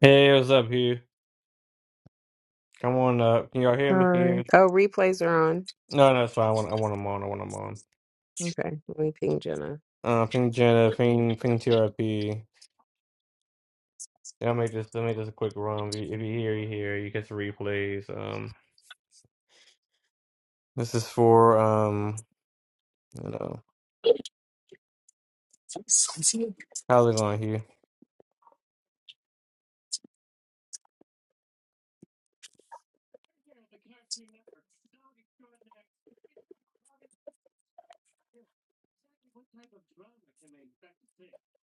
Hey, what's up, Hugh? Come on up. Can y'all hear All me right. here? Oh, replays are on. No, no, it's fine. I want, I want them on. I want them on. Okay. Let me ping Jenna. Uh, ping Jenna, ping, ping TRP. Yeah, I'll make this, I'll make this a quick run. If you, if you hear, you hear. You get the replays. Um, this is for um, you know, Sunset? how's it going, Hugh?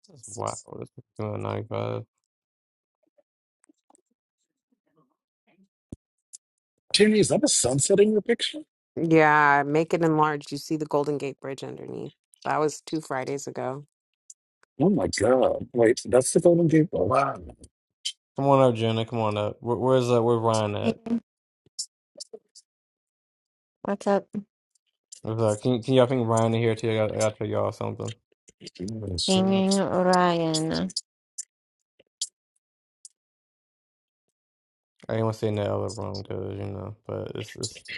This is wild. This is doing 95. Tierney, is that a sunset in your picture? Yeah, make it enlarged. You see the Golden Gate Bridge underneath. That was two Fridays ago. Oh my God. Wait, that's the Golden Gate. Oh Wow. Come on up, Jenna. Come on up. Where, where's uh, where's Ryan Hey, at? What's up, What's up? Can, can y'all ping Ryan in here too? I got, I got to tell y'all something. pinging Ryan? I didn't want to say in that other room because you know, but it's it's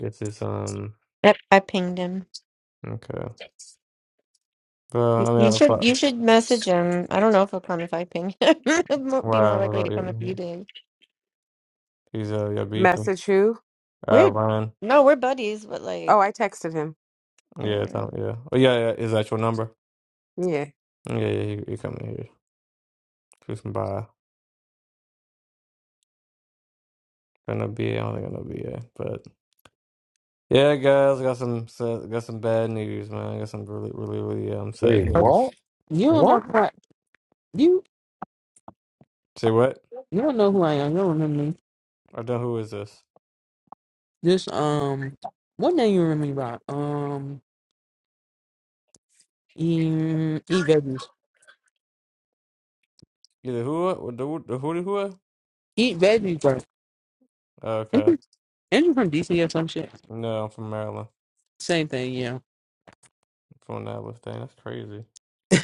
this is um. Yep, I pinged him. Okay. Uh, You I you mean, I should fuck- you should message him. I don't know if he'll come if I ping him. He'll Mo- Be more why? What likely to about come if you you? did. He's uh, your beefing, Message who? uh, We're Ryan. no, we're buddies, but Oh, like, I texted him. Yeah, it's not, um, yeah. Oh, yeah, yeah. His actual number. Yeah. Yeah, yeah. You, you coming here? Cruise some by. Gonna be. I don't think gonna be. Yeah, but yeah, guys. Got some. sad- Got some bad news, man. Got some really, really, really um sad Wait, news. what? You don't know What? who I, you Say what? you don't know who I am. You don't remember me. I don't. Who is this? This um, what name you remember me by? Um, eat, eat veggies. Either who or the who the who? who? uh? Eat veggies, bro. Oh, okay. Ain't you from DC or some shit? No, I'm from Maryland. Same thing, yeah. I'm from Annapolis. Dang, that's crazy.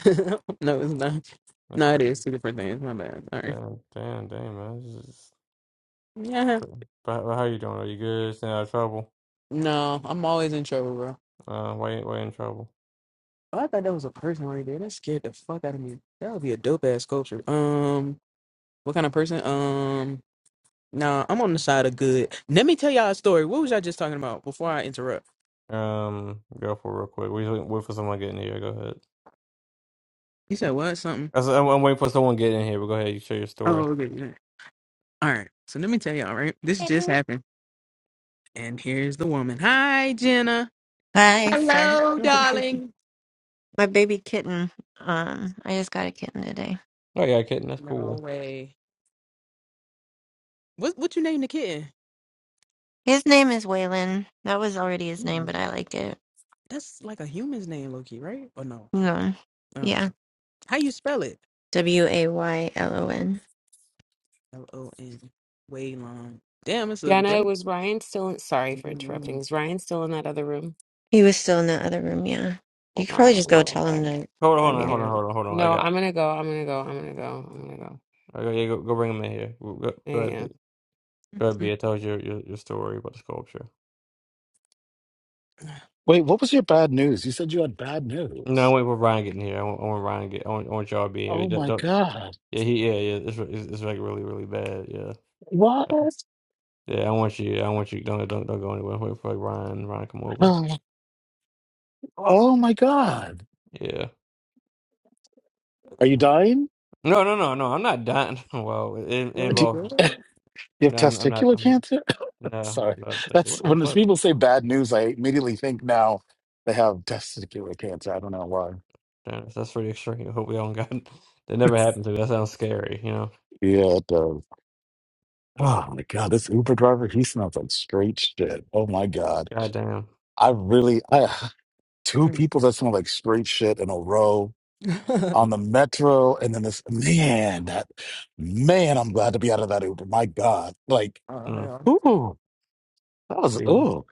no, it's not. That's No, it is crazy. two different things. My bad. Sorry. Damn, damn, damn, man. Yeah. But How how you doing? Are you good? Staying out of trouble? No, I'm always in trouble, bro. Uh, why you- why you in trouble? Oh, I thought that was a person right there. That scared the fuck out of me. That would be a dope ass sculpture. Um, what kind of person? Um. Nah, I'm on the side of good. Let me tell y'all a story. What was y'all just talking about before I interrupt? Um, go for it real quick. We wait wait for someone to get in here. Go ahead. You said what? Something? I said- I'm, I'm waiting for someone to get in here. But go ahead. You share your story. Oh, okay. yeah. All right. So let me tell y'all, right? This just Baby. happened. And here's the woman. Hi, Jenna. hi, sorry, Hello, darling. my baby kitten. Um, I just got a kitten today. Oh yeah, kitten. That's No cool. way. What what you name the kitten? His name is Waylon. That was already his name, Hmm, but I liked it. That's like a human's name, Loki, right? Or no? You know, Oh. yeah, How you spell it? W A Y L O N. L O N. Way long. Damn, it's a Jenna, damn. was Ryan still in? Sorry for interrupting. Mm, Is Ryan still in that other room? He was still in the other room. Yeah, you Hold could on. probably I'll just be go right tell him back. to. Hold I on, hold on, yeah, hold on, am. hold on, hold on. I No, got. I'm going to go. I'm going to go. I'm going to go. I'm going to go. I got yeah, go go bring him in here. Go, go I go ahead. am. B. mm, Go ahead. mm. B. I told you your, your your story about the sculpture. Wait, what was your bad news? You said you had bad No, news. I wait for Ryan getting here. I want, I want Ryan to get. I want, I want y'all to be here. Oh Don't, my don't- God. yeah, he. Yeah, yeah. It's, it's it's like really really bad. Yeah. What? Yeah, I want you. I want you. Don't don't don't go anywhere. Wait for like Ryan. Ryan, come over. Oh, oh my God. Yeah. Are you Oh, dying? No, no, no, no. I'm not dying. Well, it it there Do you involved. you, go. you have No, I'm, I'm not. testicular I'm cancer? no. Sorry. But That's what the when those fuck? people say bad news, I immediately think now they have testicular cancer. I don't know why. Damn, that's pretty extreme. I hope we don't got. That never happened to me. That sounds scary. You know. Yeah, it does. Oh my God, this Uber driver, he smells like straight shit. Oh my God. Goddamn. I really, I, two Mm. people that smell like straight shit in a row Mm, on the metro. And then this, man, that, man, I'm glad to be out of that Uber. My God. Like, oh, mm. hell. ooh, that was, You ooh.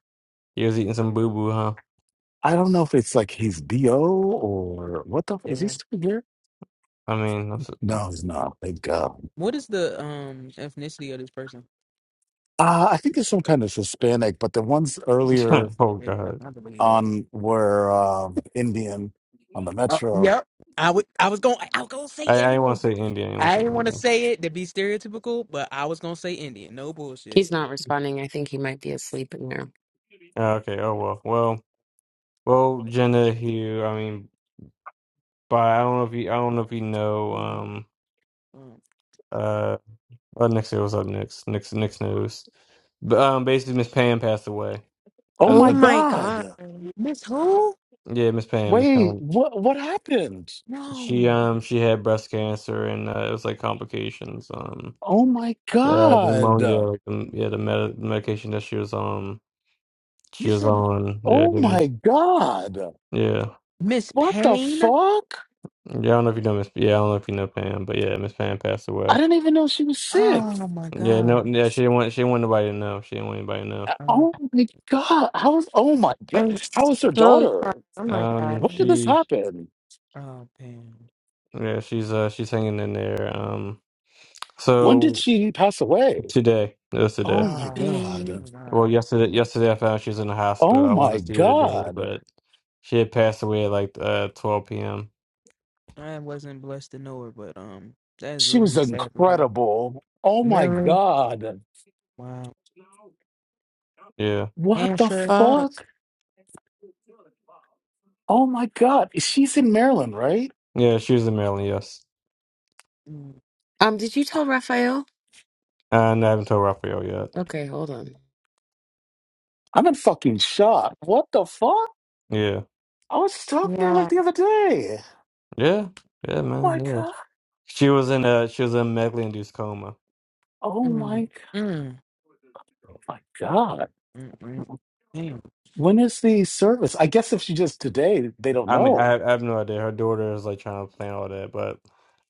you was eating some boo boo, huh? I don't know if it's like he's BO or what the, f- is he still here? I mean, I'm so, No, he's not. Thank God. What is the um ethnicity of this person? Uh, I think it's some kind of Hispanic, but the ones earlier oh Hey, man, I god. don't believe that. on were um, Indian on the Oh, metro yep. I would. I was going. to I was going to say I I want Indian. to say Indian. I didn't want I to say didn't want to Indian. say it to be stereotypical, but I was going to say Indian. No bullshit. He's not responding. I think he might be asleep in there. Ah, Okay. Oh well. Well. Well. Jenna Hugh. I mean, but I don't know if you. I don't know if you know. Mm, Um. um, uh, Uh, Nick said, "What's up, Nick's Nick's Nick's news?" But um, basically, Miss Pam passed away. Oh That's- Oh my that's- my God. god. Miss who? yeah, Miss Pam, Miss Wait, Pam. what what happened? She No, um she had breast cancer and uh, it was like complications. Um, Oh my so, uh, the God. pneumonia, like um, yeah, the med medication that she was on, she you was said on. Yeah, Oh didn't my God. yeah. Miss What the Payne. fuck? Yeah, I don't know if you know Miss. Yeah, I don't know if you know Pam, but yeah, Miss Pam passed I away. didn't even know she was sick. Oh my Yeah, god. no, yeah, she didn't want she didn't want nobody to know. She didn't want anybody to know. Uh, Oh my God. How was oh my God. I'm How was her so daughter? sorry. Oh my Um, When did god. this she happen? oh, Payne. yeah, she's uh she's hanging in there. Um. When So did she pass away? Today. It was today. Oh my Oh Dude, my God. god. Well, yesterday. Yesterday, I found out she was in the hospital. Oh I wanted my to see her today, God. but she had passed away at like uh, 12 p.m. I wasn't blessed to know her, but um, that is She was really sad to hear. incredible. Oh my Really? God. Wow. Yeah, What the Cancer. fuck. fuck? Oh my God. She's in Maryland, right? yeah. She was in Maryland. Yes, Mm, Um, did you tell Raphael? and I haven't told Raphael yet. Okay, hold on. I'm in fucking shock. What the fuck? Yeah, I was just talking to her like Yeah. the other day. yeah, yeah, Oh man. my Yeah. god. She was in a she was in a medically induced coma. Oh mm, my, mm. my god. Mm-mm. Damn. When is the service? I guess if she just today, they don't I mean, I, know. have, I have no idea. Her daughter is like trying to plan all that, but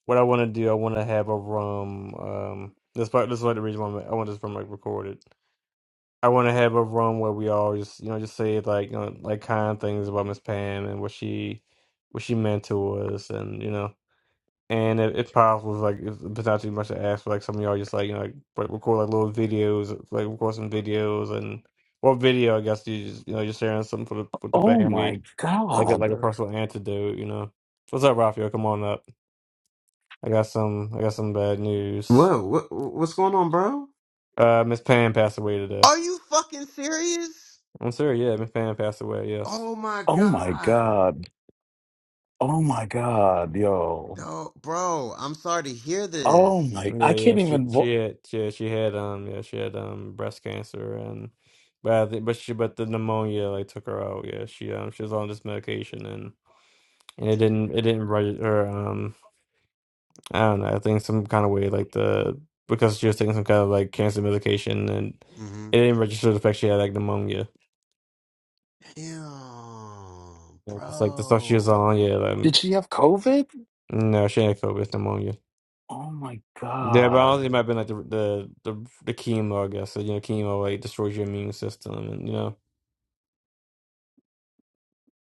what I want to do, I want to have a room. Um, this part, this is what the reason why I'm- I want this room like recorded. I want to have a room where we all just, you know, just say like, you know, like kind things about Miss Pam and what she, what she meant to us, and you know, and if, if possible, if, like, if it's not too much to ask, for, like some of y'all just like, you know, like re- record like little videos, like record some videos and or video, I guess you just, you know, just sharing something for the with the Oh family, my like a, like a God. personal antidote, you know. What's up, Raphael? Come on up. I got some, I got some bad news. Whoa, what, what's going on, bro? Uh, Miss Pam passed away today. Are you fucking serious? I'm sorry, yeah, Miss Pam passed away. Yes. Oh my Oh my god. God. Oh my God, yo. Oh, bro, I'm sorry to hear Oh this. my, Yeah, I yeah, can't she even. wa- she had yeah she had um yeah she had um breast cancer and but I think, but she but the pneumonia like took her out yeah she um she was on this medication and and it didn't it didn't right her um I don't know I think some kind of way like the because she was taking some kind of like cancer medication and Mm-hmm. it didn't register the fact she had like pneumonia Damn, Yeah, it's like the stuff she was bro. on yeah like Did mm, she have COVID? no she had COVID it's pneumonia Oh my yeah but honestly God. it might have been like the the the, the chemo I guess so, you know chemo like destroys your immune system and you know.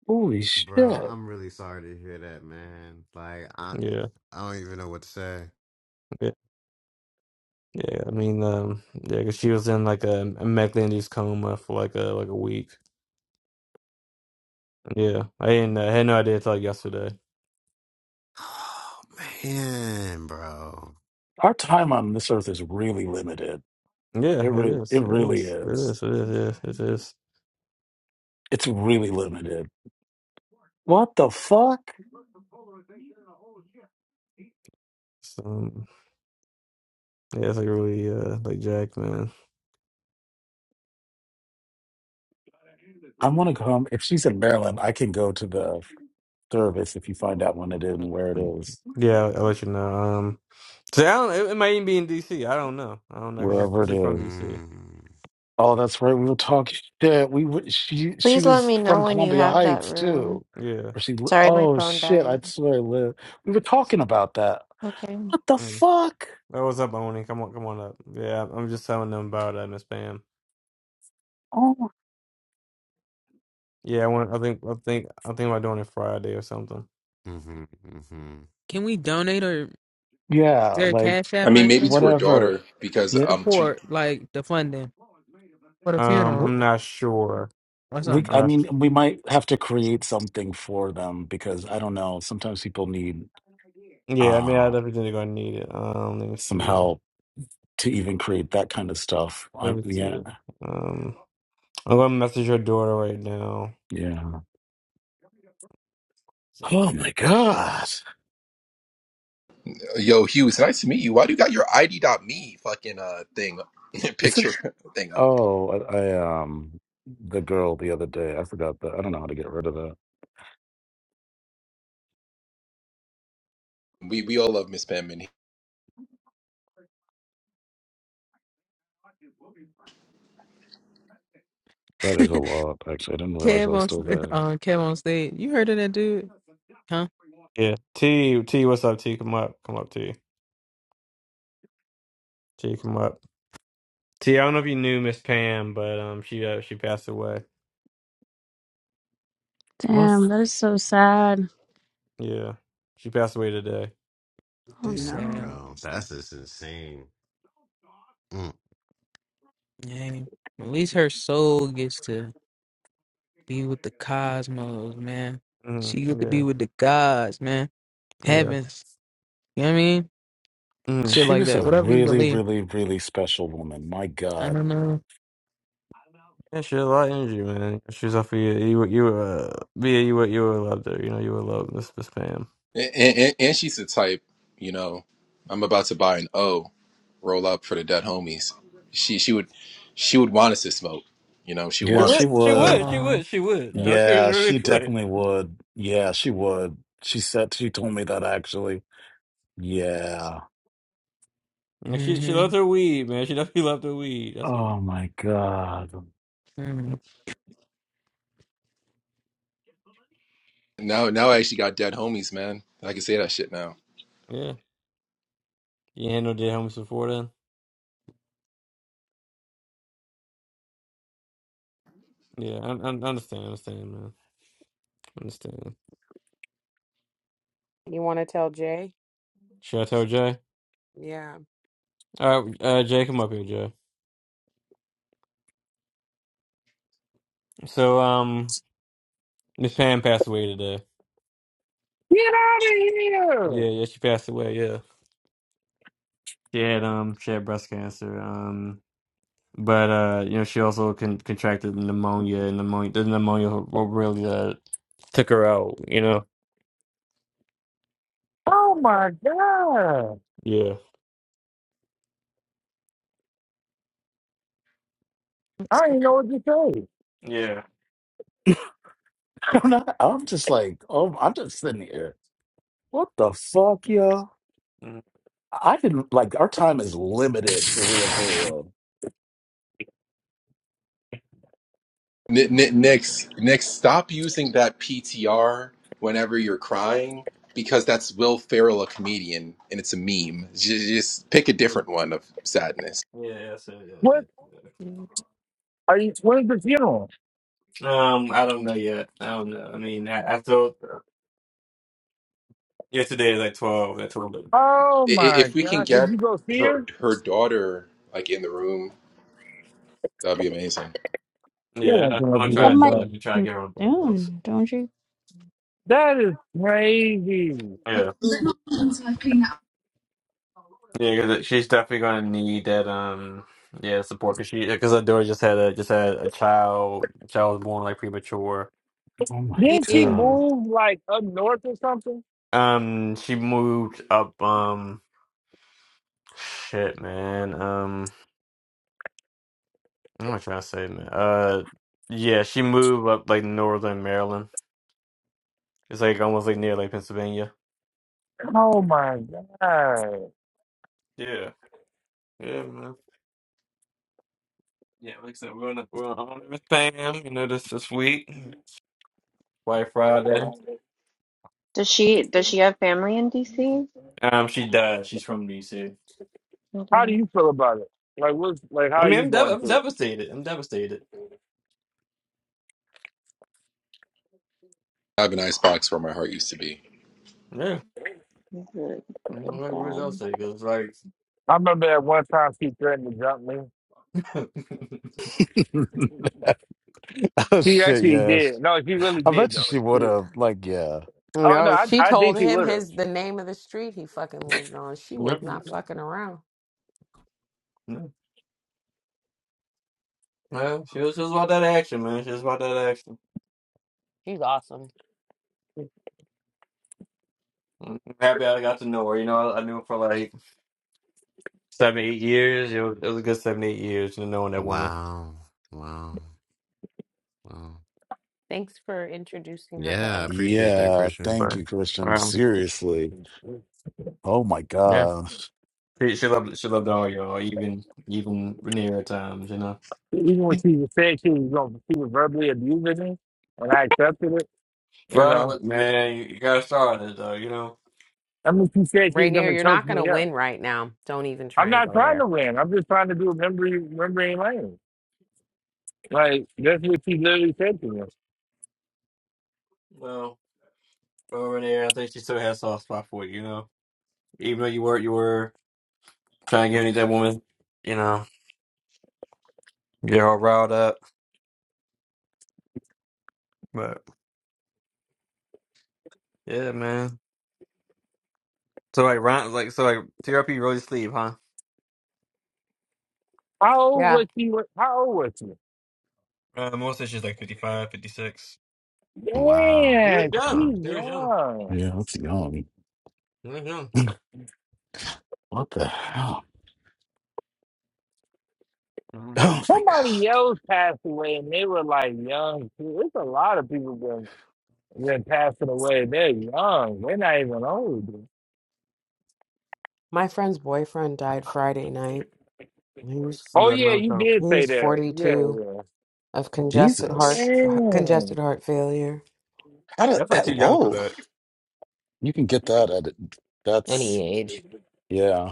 Holy Bro, shit. I'm really sorry to hear that, man. Like, I, Yeah. I don't even know what to say. Yeah, yeah. I mean, um, yeah, 'cause she was in like a, a McLandy's coma for like a like a week. Yeah, I didn't uh, had no idea until like yesterday. Oh, man, bro. Our time on this earth is really limited. Yeah, It, it re- is. it It really is. It is. is. It is. Yeah, it is. It's really limited. What the fuck? So, um, yeah, it's like really uh like Jack, man. I want to come. If she's in Maryland, I can go to the service if you find out when it is and where it is, Yeah, I'll, I'll let you know. Um, so I don't. It, it might even be in DC. I don't know. I don't know know. Cause she's wherever it she's from is. DC. Mm. Oh, that's right. We were talking. Yeah, we were, she she Please let was me from know when you Columbia have that Heights room. too, Yeah. or she. li- Sorry, my Oh phone shit! I died. swear, I live. We were talking about that. Okay. What the Mm. fuck? Oh, what's up, Oni? Come on, come on up. Yeah, I'm I'm just telling them about uh, Miss Pam. Oh Yeah, I want. I think. I think. I think about doing it Friday or something. Mm-hmm, mm-hmm. Can we donate or is yeah, there a like cash I app or mean, maybe anything? to her daughter whatever. because Yeah, um, she, Support like the funding for the Um, funeral w- I'm not sure. or we. something. I'm I not. mean, we might have to create something for them because I don't know. Sometimes people need Yeah, I think I uh definitely gonna need it. Um, let me some see. help to even create that kind of stuff. Uh, Let me yeah, see. Um, I'm gonna message your daughter right now. yeah. Oh my god! yo, Hugh, it's nice to meet you. Why do you got your ID.me fucking uh thing Isn't picture thing up? oh I, I um the girl the other day I forgot that I don't know how to get rid of that. We we all love Miss Penman, That is a lot. Actually, I didn't realize I Kev was on still st- there. uh, Kev on stage. You heard of that dude? Huh? Yeah, T, T, what's up? T, come up, come up, T, T, come up. T, I don't know if you knew Miss Pam, but um, she uh, she passed away. Well, Damn, that is so sad. Yeah, she passed away today. Oh I'm Damn, no. sad. bro. That's just insane. Mm. Dang. At least her soul gets to be with the cosmos, man. Mm, She get to yeah, be with the gods, man. yeah. Heavens. You know what I mean? Mm-hmm. Shit she like was a that. Whatever you really, believe. really, really special woman. My I God. don't know. Yeah, she had a lot of energy, man. If She's off of you. You would, you would, uh, Bia, you would, you would love her. You know, you would love Miss Miss Pam. and, and and she's the type, you know. I'm about to buy an O, roll up for the dead homies. She she would she would want us to smoke, you know. She would She Yeah, want she us. would, she would, she would. Oh. would, she would. Yeah. Don't she Yeah, really she would. definitely would. Yeah, she would. She said she told me that actually. Yeah. And she she hmm loved her weed, man. She definitely loved her weed. That's what. Oh my God. Now now I actually got dead homies, man. I can say that shit Yeah, you handled it homies before then. Yeah, I, I I understand, understand, man, understand. You want to tell Jay? Should I tell Jay? Yeah. All right, uh, Jay, come up here, Jay. So, um, Miss Pam passed away today. Get out of here! Yeah, yeah, she passed away. Yeah, she had um, she had breast cancer. Um. But uh, you know, she also con contracted pneumonia, and pneumonia, the pneumonia what really uh took her out. You know, Oh my god! yeah, I It's don't even know what to say. Mm-hmm. I'm not. I'm just like. Oh, I'm just sitting here. What the fuck, yo? yeah, I I didn't like our time is limited for real, for real. N- n- Next, next, stop using that PTR whenever you're crying because that's Will Ferrell, a comedian, and it's a meme. Just, just pick a Mm. different one of sadness. yeah, so, yeah, What yeah. okay. are you? When's the funeral? yeah. Um, I don't know yet. I don't know. I mean, I, I thought uh, yesterday is like twelve. At twelve, Oh I- i- my If we can god! Did get you go see her? her her daughter like in the room, that'd be amazing. You yeah. I- won't come I'm up gonna That here, try to do might that. I'm bro. gonna try to be too get her on both of those. soon, don't That is crazy. Like, Yeah, They're not the ones I clean up. yeah, because she's definitely gonna need that. Um, yeah, support because she because her daughter just had a just had a child. Child was born like premature Oh my Didn't she god. Jeez. move like up north or something? Um, she moved up. Um, shit, man. Um, what am I trying to say, man? Uh, yeah, she moved up like northern Maryland. It's like almost like near like Pennsylvania. Oh my god! Yeah, yeah, man. Yeah, like I said, we're on the, we're on with Pam. You know, this this week, White Friday. Does she does she have family in DC? Um, she died. She's from DC. Hold How do on. you feel about it? Like what's like? How I are mean, you I'm dev- going I'm through it? devastated. I'm devastated. I have an icebox where my heart used to be. Yeah. That's really I don't know fucking like, where else sad. they goes like I remember at one time she threatened to jump me. Oh She shit, actually yes. did. No, she really I did bet you though. she would She- have. Like, yeah. oh no, Yo, I she I told think she him would have. his the name of the street he fucking lived on. She Yep. was not fucking around. Yeah. Well, she was just about that action, man. She was about that action. She's awesome. I'm happy I got to know her. You know, I, I knew her for like seven, eight years. It was, it was a good seven, eight years to knowing that woman. Wow. Wow. Wow. Thanks for introducing her to Yeah, I us, appreciate that, Christian. Yeah. Christian. Thank But you, Christian. um, Seriously. Oh my yeah, gosh. she, she loved she loved all y'all, even even Rhaenyra times. You know. Even when she was saying she was going, she was verbally abusing me, and I accepted it. You Well, know, look, man, you, you gotta start it though. You know. I mean, she said she was going Rainier, to you're choke not gonna me up. win right now. Don't even I'm try and not go trying there. to win. I'm just trying to do memory, memory lane. Like that's what she literally said to me. Well. over there. I think she still has a soft spot for you, you know. Even though you were you were trying to get any that woman, you know, you're all riled up. But yeah, man. So like Ron like so like TRP really sleep, huh? How old Yeah. was she? when- How old was she? Uh, Melissa, she's like 55, 56. Wow. You Yeah, were young. she's Wow. You were young. young. Yeah, that's young. You were young. What the hell? Mm-hmm. Oh my Somebody god. else passed away, and they were like young too. It's a lot of people been been passing away. They're young. They're not even old. My friend's boyfriend died Friday night. He was Oh Yeah, yeah, no, you so did he say was that. 42 Yeah, of congested yeah. heart Jesus. Damn. congested heart failure. How did definitely that too young for whoa. that. You can get that at that's Any age. yeah.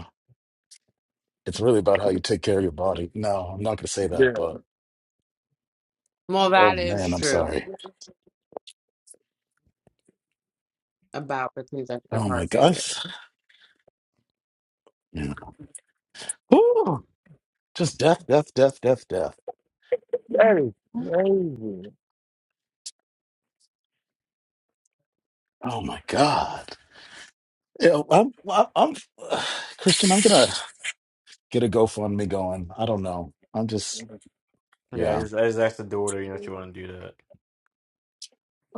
It's really about how you take care of your body. No, I'm not going to say that, Yeah. but Well, oh that is man, I'm true sorry. about the congestive Oh my heart failure. gosh. Yeah. Ooh, just death, death, death, death, death. That is you? crazy. Oh my God. Yeah, I'm, I'm, I'm Christian, I'm going to get a GoFundMe going. I don't know. I'm just, Yeah, I yeah. just, I just asked the daughter, you know, if you want to do that.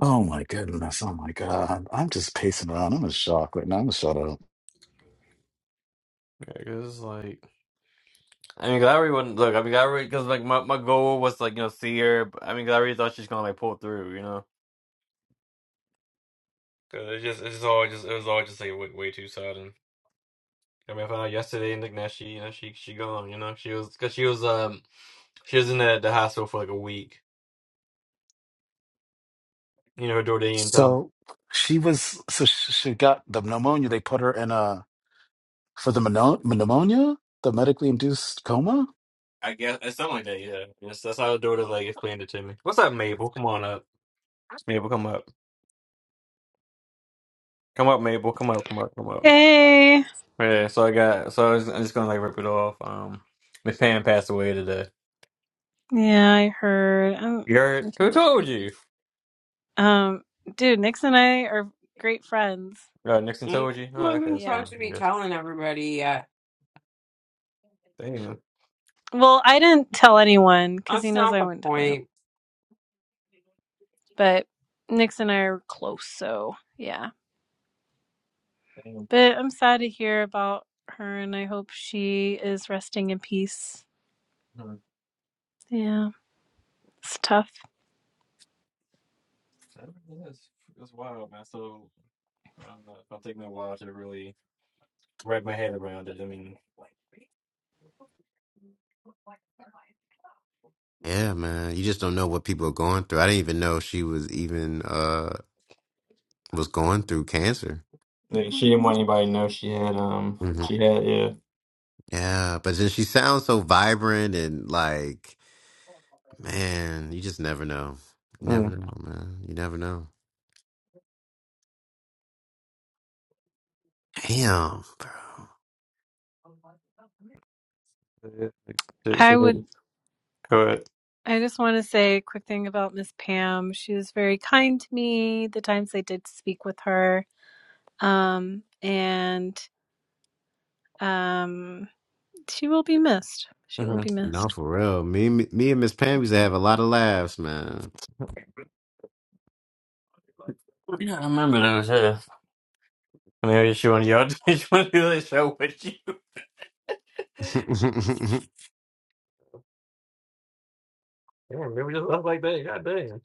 Oh my goodness. Oh my God. I'm just pacing around. I'm in shock right now. I'm going to shut up. Yeah, 'cause it's like, I mean, 'cause I already not look, I mean, 'cause I already, because like my, my goal was like, you know, see her. but- I mean, 'cause I already thought she's gonna like pull through, you know. Cause it's just it's all just it was all just like way, way too sudden. I mean, I found out yesterday, and like now she you know she she gone. You know she was because she was um she was in the, the hospital for like a week. You know her daughter didn't come. So she was, so sh- she got the pneumonia. They put her in a, for the mono- pneumonia, the medically induced coma? I guess it's something like that. Yeah, yes, that's how her daughter like explained it to me. What's up, Mabel? Come on up, Mabel. Come up, come up, Mabel. Come up, come up, come up. Hey. Yeah. So I got so I was, I'm just gonna like rip it off. Um, Miss Pam passed away today. Yeah, I heard. Um, You heard? that's Who right. told you? Um, dude, Nix and I are great friends. Uh, Nixon And that's told you. Oh, what okay, we're that's Yeah. fine. supposed to I be guess. telling everybody. Uh, Damn. Well, I didn't tell anyone because he that's knows not I the wouldn't tell anyone. point. But Nix and I are close, so yeah. Damn. But I'm sad to hear about her, and I hope she is resting in peace. Yeah, it's tough. I mean, It's, it's wild, man. So I don't know. It'll take me a while to really wrap my head around it. I mean, Yeah, man. You just don't know what people are going through. I didn't even know she was even uh was going through cancer. like, she didn't want anybody to know she had um hmm she had yeah. Yeah, but then she sounds so vibrant and like, man, you just never know. You never Mm. know, man. You never know. Damn, bro. Yeah, like, She, she I would. did. Correct. I just want to say a quick thing about Miss Pam. She was very kind to me the times I did speak with her. Um, and Um, she will be missed. She will hmm be missed. No, for real. Me, me, me and Miss Pam used to have a lot of laughs, man. Yeah, I remember those. Yeah. Maybe she wanted y'all. To, she wanted to do that show with you. Yeah, maybe just stuff like that. God damn.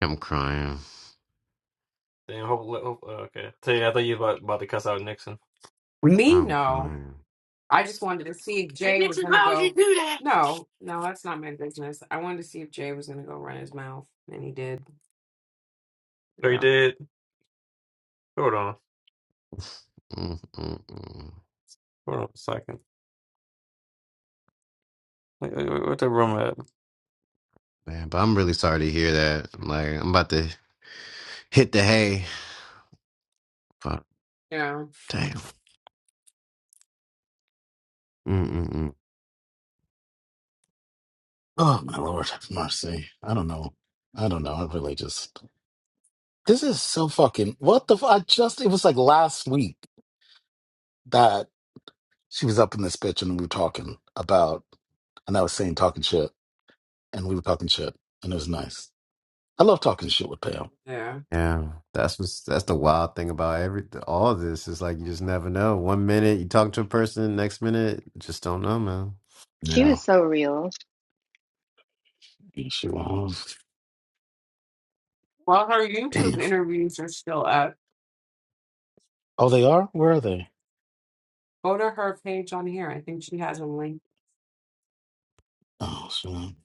I'm crying. Damn. Hope, hope, oh, okay. Tell you, I thought you was about, about to cuss out Nixon. Me, I'm no. crying. I just wanted to see if Hey Jay was Nixon, going to why would you go. do that? No, no, that's not my business. I wanted to see if Jay was going to go run his mouth, and he did. Oh, you Yeah, did. Hold on. Mm-mm-mm. Hold on a second. Wait, wait, wait, What the room at? Man, but I'm really sorry to hear that. Like, I'm about to hit the hay. But yeah, damn. Mm-mm-mm. Oh my lord, have mercy. I don't know. I don't know. I really just this is so fucking what the fu- I just it was like last week that she was up in this bitch and we were talking about and I was saying talking shit and we were talking shit and it was nice. I love talking shit with Pam. yeah. Yeah, that's what's that's the wild thing about every all of this is like you just never know. One minute you talk to a person, next minute just don't know, man. You She know, was so real. she was. Well, her YouTube Damn. interviews are still up. Oh, they are. Where are they? Go to her page on here. I think she has a link. Oh, she.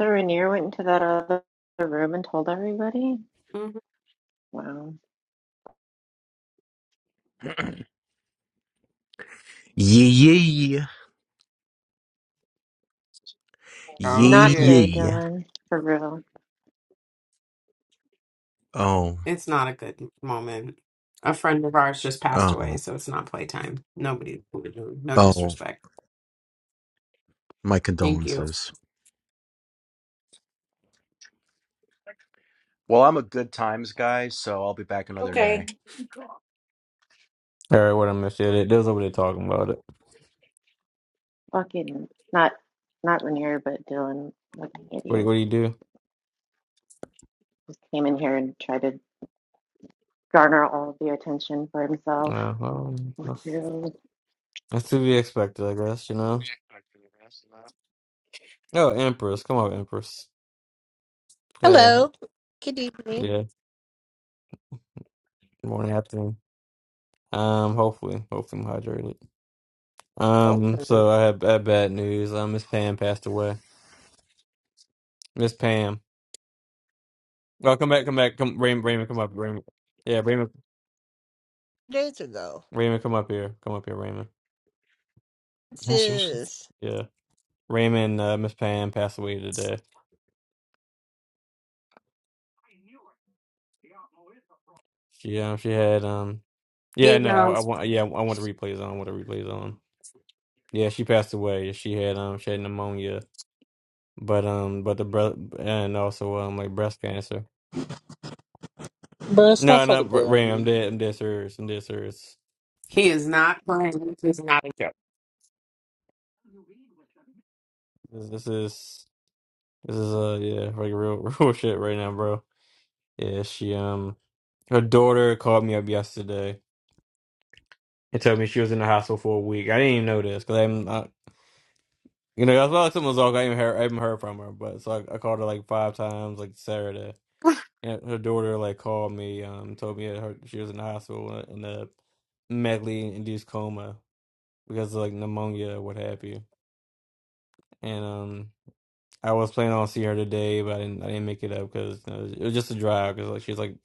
So Rainier went into that other room and told everybody. hmm Wow. Yeah, yeah, Oh, yeah, Not did. today, yeah. Dylan. For real. Oh, It's not a good moment. A friend of ours just passed away, oh, so it's not playtime. Nobody, no oh. disrespect. My Thank you. condolences. Well, I'm a good times guy, so I'll be back another Okay. day. All right, what I missed yet? it. They was over there talking about it. Fucking not not Lanier, but Dylan, fucking What idiot, what do you do? came in here and tried to garner all of the attention for himself Uh, well, with that's, your that's to be expected, I guess. You know. Oh, Empress, come on, Empress. Hey, Hello. Good evening. yeah. Morning, afternoon. Um, hopefully, hopefully I'm hydrated. Oh, Um, so I have, I have bad news. Um, Miss Pam passed away. Miss Pam. Oh, come back, come back, come Raymond, Raymond, come up, Raymond. Yeah, Raymond, days ago. Raymond, come up here, come up here, Raymond. This Yeah, seriously. is, Yeah, Raymond. Uh, Miss Pam passed away today. She um she had um Yeah, He no, I, I knows want. Yeah, I want the replays on. I want the replays on. Yeah, she passed away. She had um, she had pneumonia, but um, but the breath and also um, like breast cancer. Bro, stop No, no, fucking R- playing with Ram, I'm me. dead. I'm dead serious. I'm dead serious. he is not playing. He's not a joke. This, this is this is uh, yeah, like real real shit right now, bro. Yeah, she um, her daughter called me up yesterday and told me she was in the hospital for a week. I didn't even know this because I'm I, you know, I thought something was off. I even heard, I haven't heard from her, but so I, I called her like five times, like Saturday. And her daughter like called me, um, told me that her she was in the hospital in a medically induced coma because of like pneumonia or what have you. And um, I was planning on seeing her today, but I didn't. I didn't make it up because you know, it was just a drive because like she's like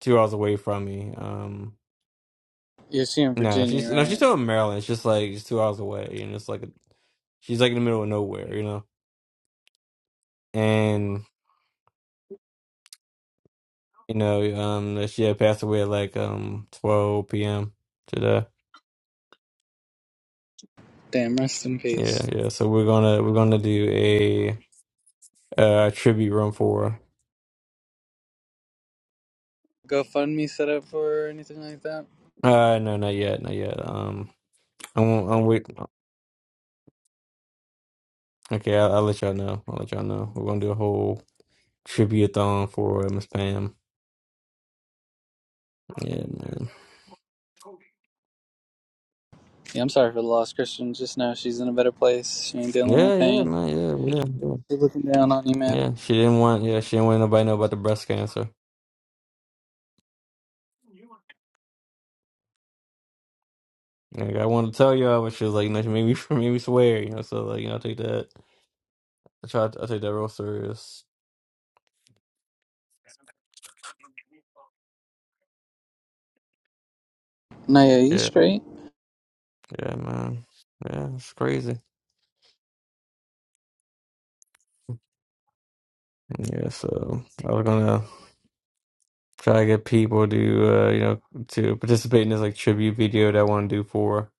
two hours away from me. Um, Yeah, she in no, Virginia, she's no, she's right? still in Maryland. It's just like she's two hours away, and it's like a, she's like in the middle of nowhere, you know. And you know, um, she had passed away at like um 12 p.m. today. Damn, rest in Yeah, peace. yeah. So we're gonna we're gonna do a uh tribute run for. GoFundMe set up for her or anything like that? Uh, no, not yet, not yet. Um, I'm I'm wait. Okay, I'll, I'll let y'all know. I'll let y'all know. We're gonna do a whole tribute-a-thon for Miss Pam. Yeah, man. Yeah, I'm sorry for the lost Christian. Just know she's in a better place. She ain't dealing Yeah, with yeah, pain. man. Yeah, yeah, yeah. She's looking down on you, man. Yeah, she didn't want. Yeah, she didn't want nobody to know about the breast cancer. Like I wanted to tell y'all, but she was like, "No, she made me made me swear." You know, so like, you know, I take that. I try. I take that real serious. Nah, yeah, you Yeah, straight. yeah, man. Yeah, it's crazy. Yeah, so I was gonna try to get people to uh, you know to participate in this like tribute video that I want to do for.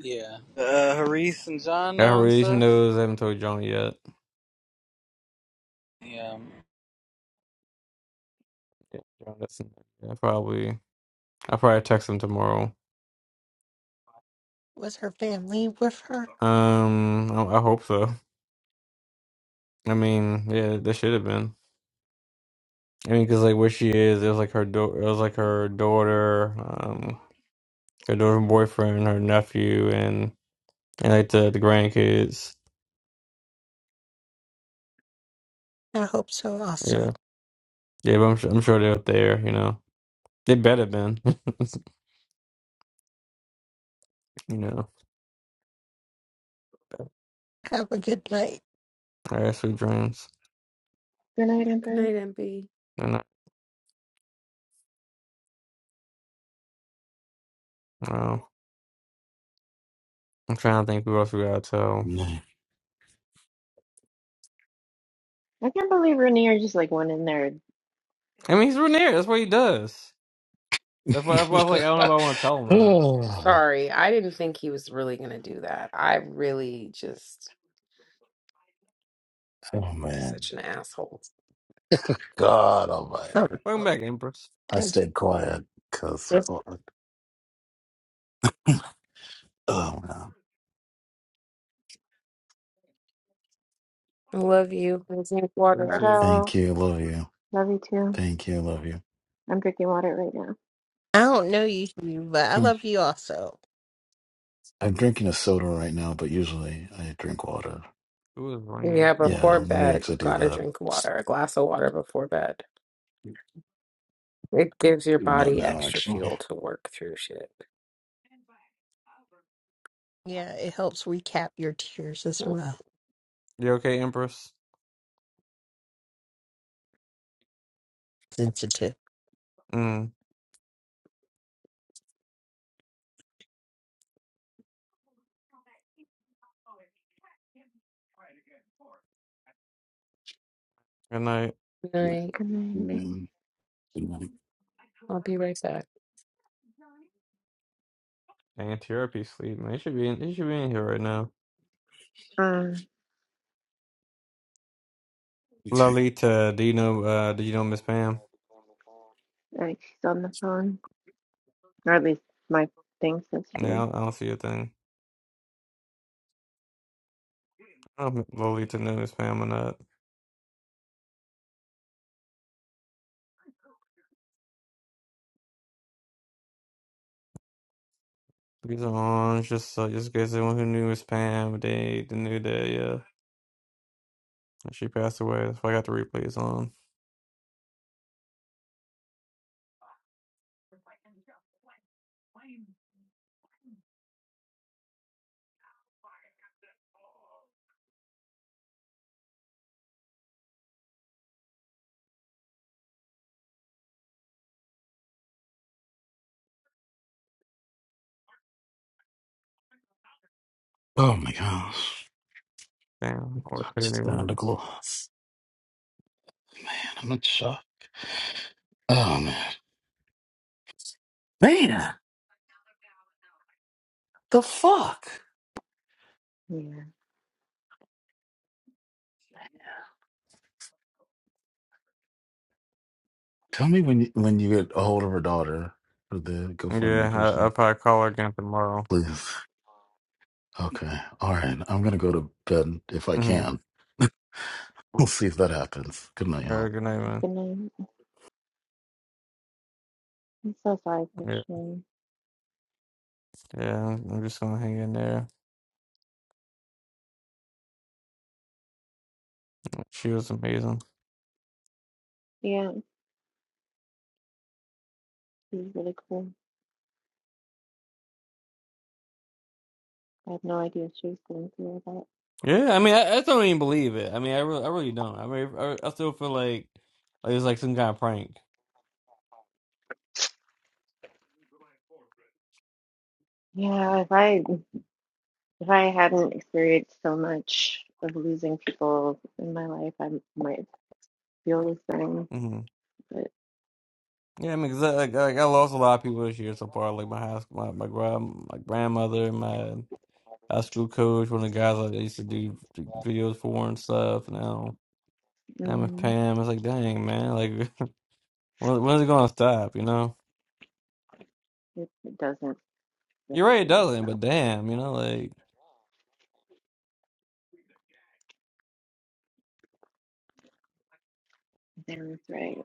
Yeah. Uh, Haris and John I now and already stuff? Those I haven't told John yet. Yeah. Yeah, John doesn't. I probably I'll probably text him tomorrow. was her family with her? Um, I, I hope so. I mean, yeah, there should have been. I mean, because like where she is, it was like her do- it was like her daughter, um, her daughter's boyfriend, her nephew, and and like the the grandkids. I hope so also. Yeah, yeah, but I'm sure I'm sure they're there. You know, they better been. You know, Have a good night. I had sweet dreams. good night, Good Empress. night, MP. And I, well, I'm trying to think who else we gotta tell. No. I can't believe Rainier just like went in there. I mean, he's Rhaenyra. That's what he does. That's why, that's why I was like, I don't know if I want to tell him or not. oh, Sorry, I didn't think he was really going to do that. I really just, oh he's man, such an asshole. God Almighty! Um, Welcome back, Empress. I and stayed quiet because. this- Oh, no. I love you. I drink water. 32. Ditto, Thank you. Love you. love you too. Thank you. Love you. I'm drinking water right now. I don't know you, Hugh, but I Thank you. love you also. I'm drinking a soda right now, but usually I drink water. Who is Rain? Yeah, Who is before Yeah, this? let me bed, you actually do got to that. drink water, a glass of water before bed. It gives your Doing that body now, extra actually. fuel to work through shit. Yeah, it helps recap your tears as Good well. You okay, Empress? Mm. Good night. night. Good night. Mm, I'll be right back. And therapy sleep, man. He should be in, he should be in here right now. Um, Okay. Lolita, do you know, uh, do you know Miss Pam? like she's on the phone, or at least my thing says No, I she. don't, I don't see a thing. I don't know if Lolita knew Miss Pam or not. These are on, just, uh, just in case anyone who knew Miss Pam, they, they knew that, yeah. And she passed away. That's why I got the replays on. Oh my gosh. Damn, or I'm Saturday just down to went. gloss. Man, I'm not shocked. Oh man. Man, the fuck? Yeah. Tell me when you, when you get a hold of her daughter for the Yeah, GoFundMe, I, I'll Kristen. probably call her again tomorrow. Please. Okay. All right. I'm going to go to bed if I can. Mm-hmm. We'll see if that happens. Good night, All y'all. right, good night, man. Good night. I'm so sorry, for Yeah, Christian. yeah, I'm I'm just gonna hang in there. She was amazing. Yeah, she's really cool. I had no idea she was going through all Yeah, I mean, I, I still don't even believe it. I mean, I really, I really don't. I mean, I, I still feel like, like it was like some kind of prank. that. Yeah, if I If I hadn't experienced so much of losing people in my life, I might feel the same. hmm But Yeah, I mean, 'cause I, like, I I lost a lot of people this year so far, like my high school, my my, grand, my grandmother, my high school coach, one of the guys like, I used to do videos for and stuff. Now, now with mm, Pam, it's like, dang man, like when when's it gonna stop? You know, it, it doesn't you're doesn't right, it really doesn't, stop. but damn, you know, like There was right.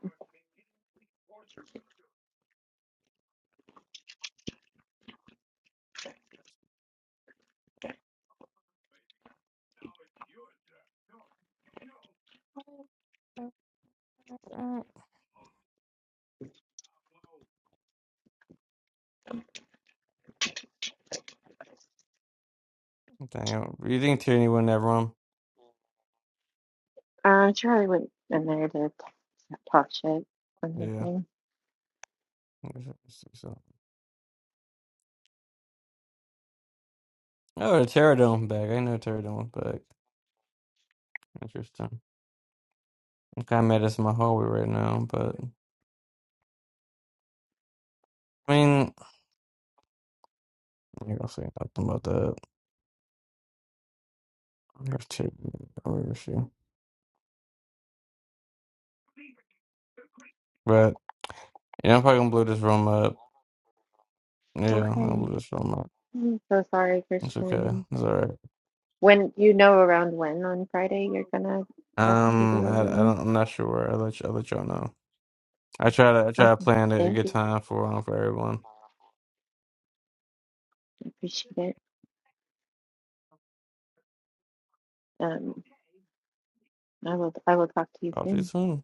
damn, you think Tierney wouldn't have run? Uh, Charlie went in there to t- talk shit. I'm Yeah. guessing. So, oh, the Pterodon back. I know Pterodon was back. Interesting. I'm kind of mad it's in my hallway right now, but I mean, I ain't gonna say nothing about that. There's two. Where is she? But yeah, I'm probably gonna blow this room up. Yeah, Okay. I'll blow this room up. I'm so sorry, It's okay. Christian. It's all right. When you know around when on Friday you're gonna possibly do Um, a I, I room. don't. I'm not sure where. I will let you. I will let y'all know. I try to. I try to Okay. plan a a Thank good you. time for um for everyone. I appreciate it. Um, I will I will talk to you Talk to you soon. soon.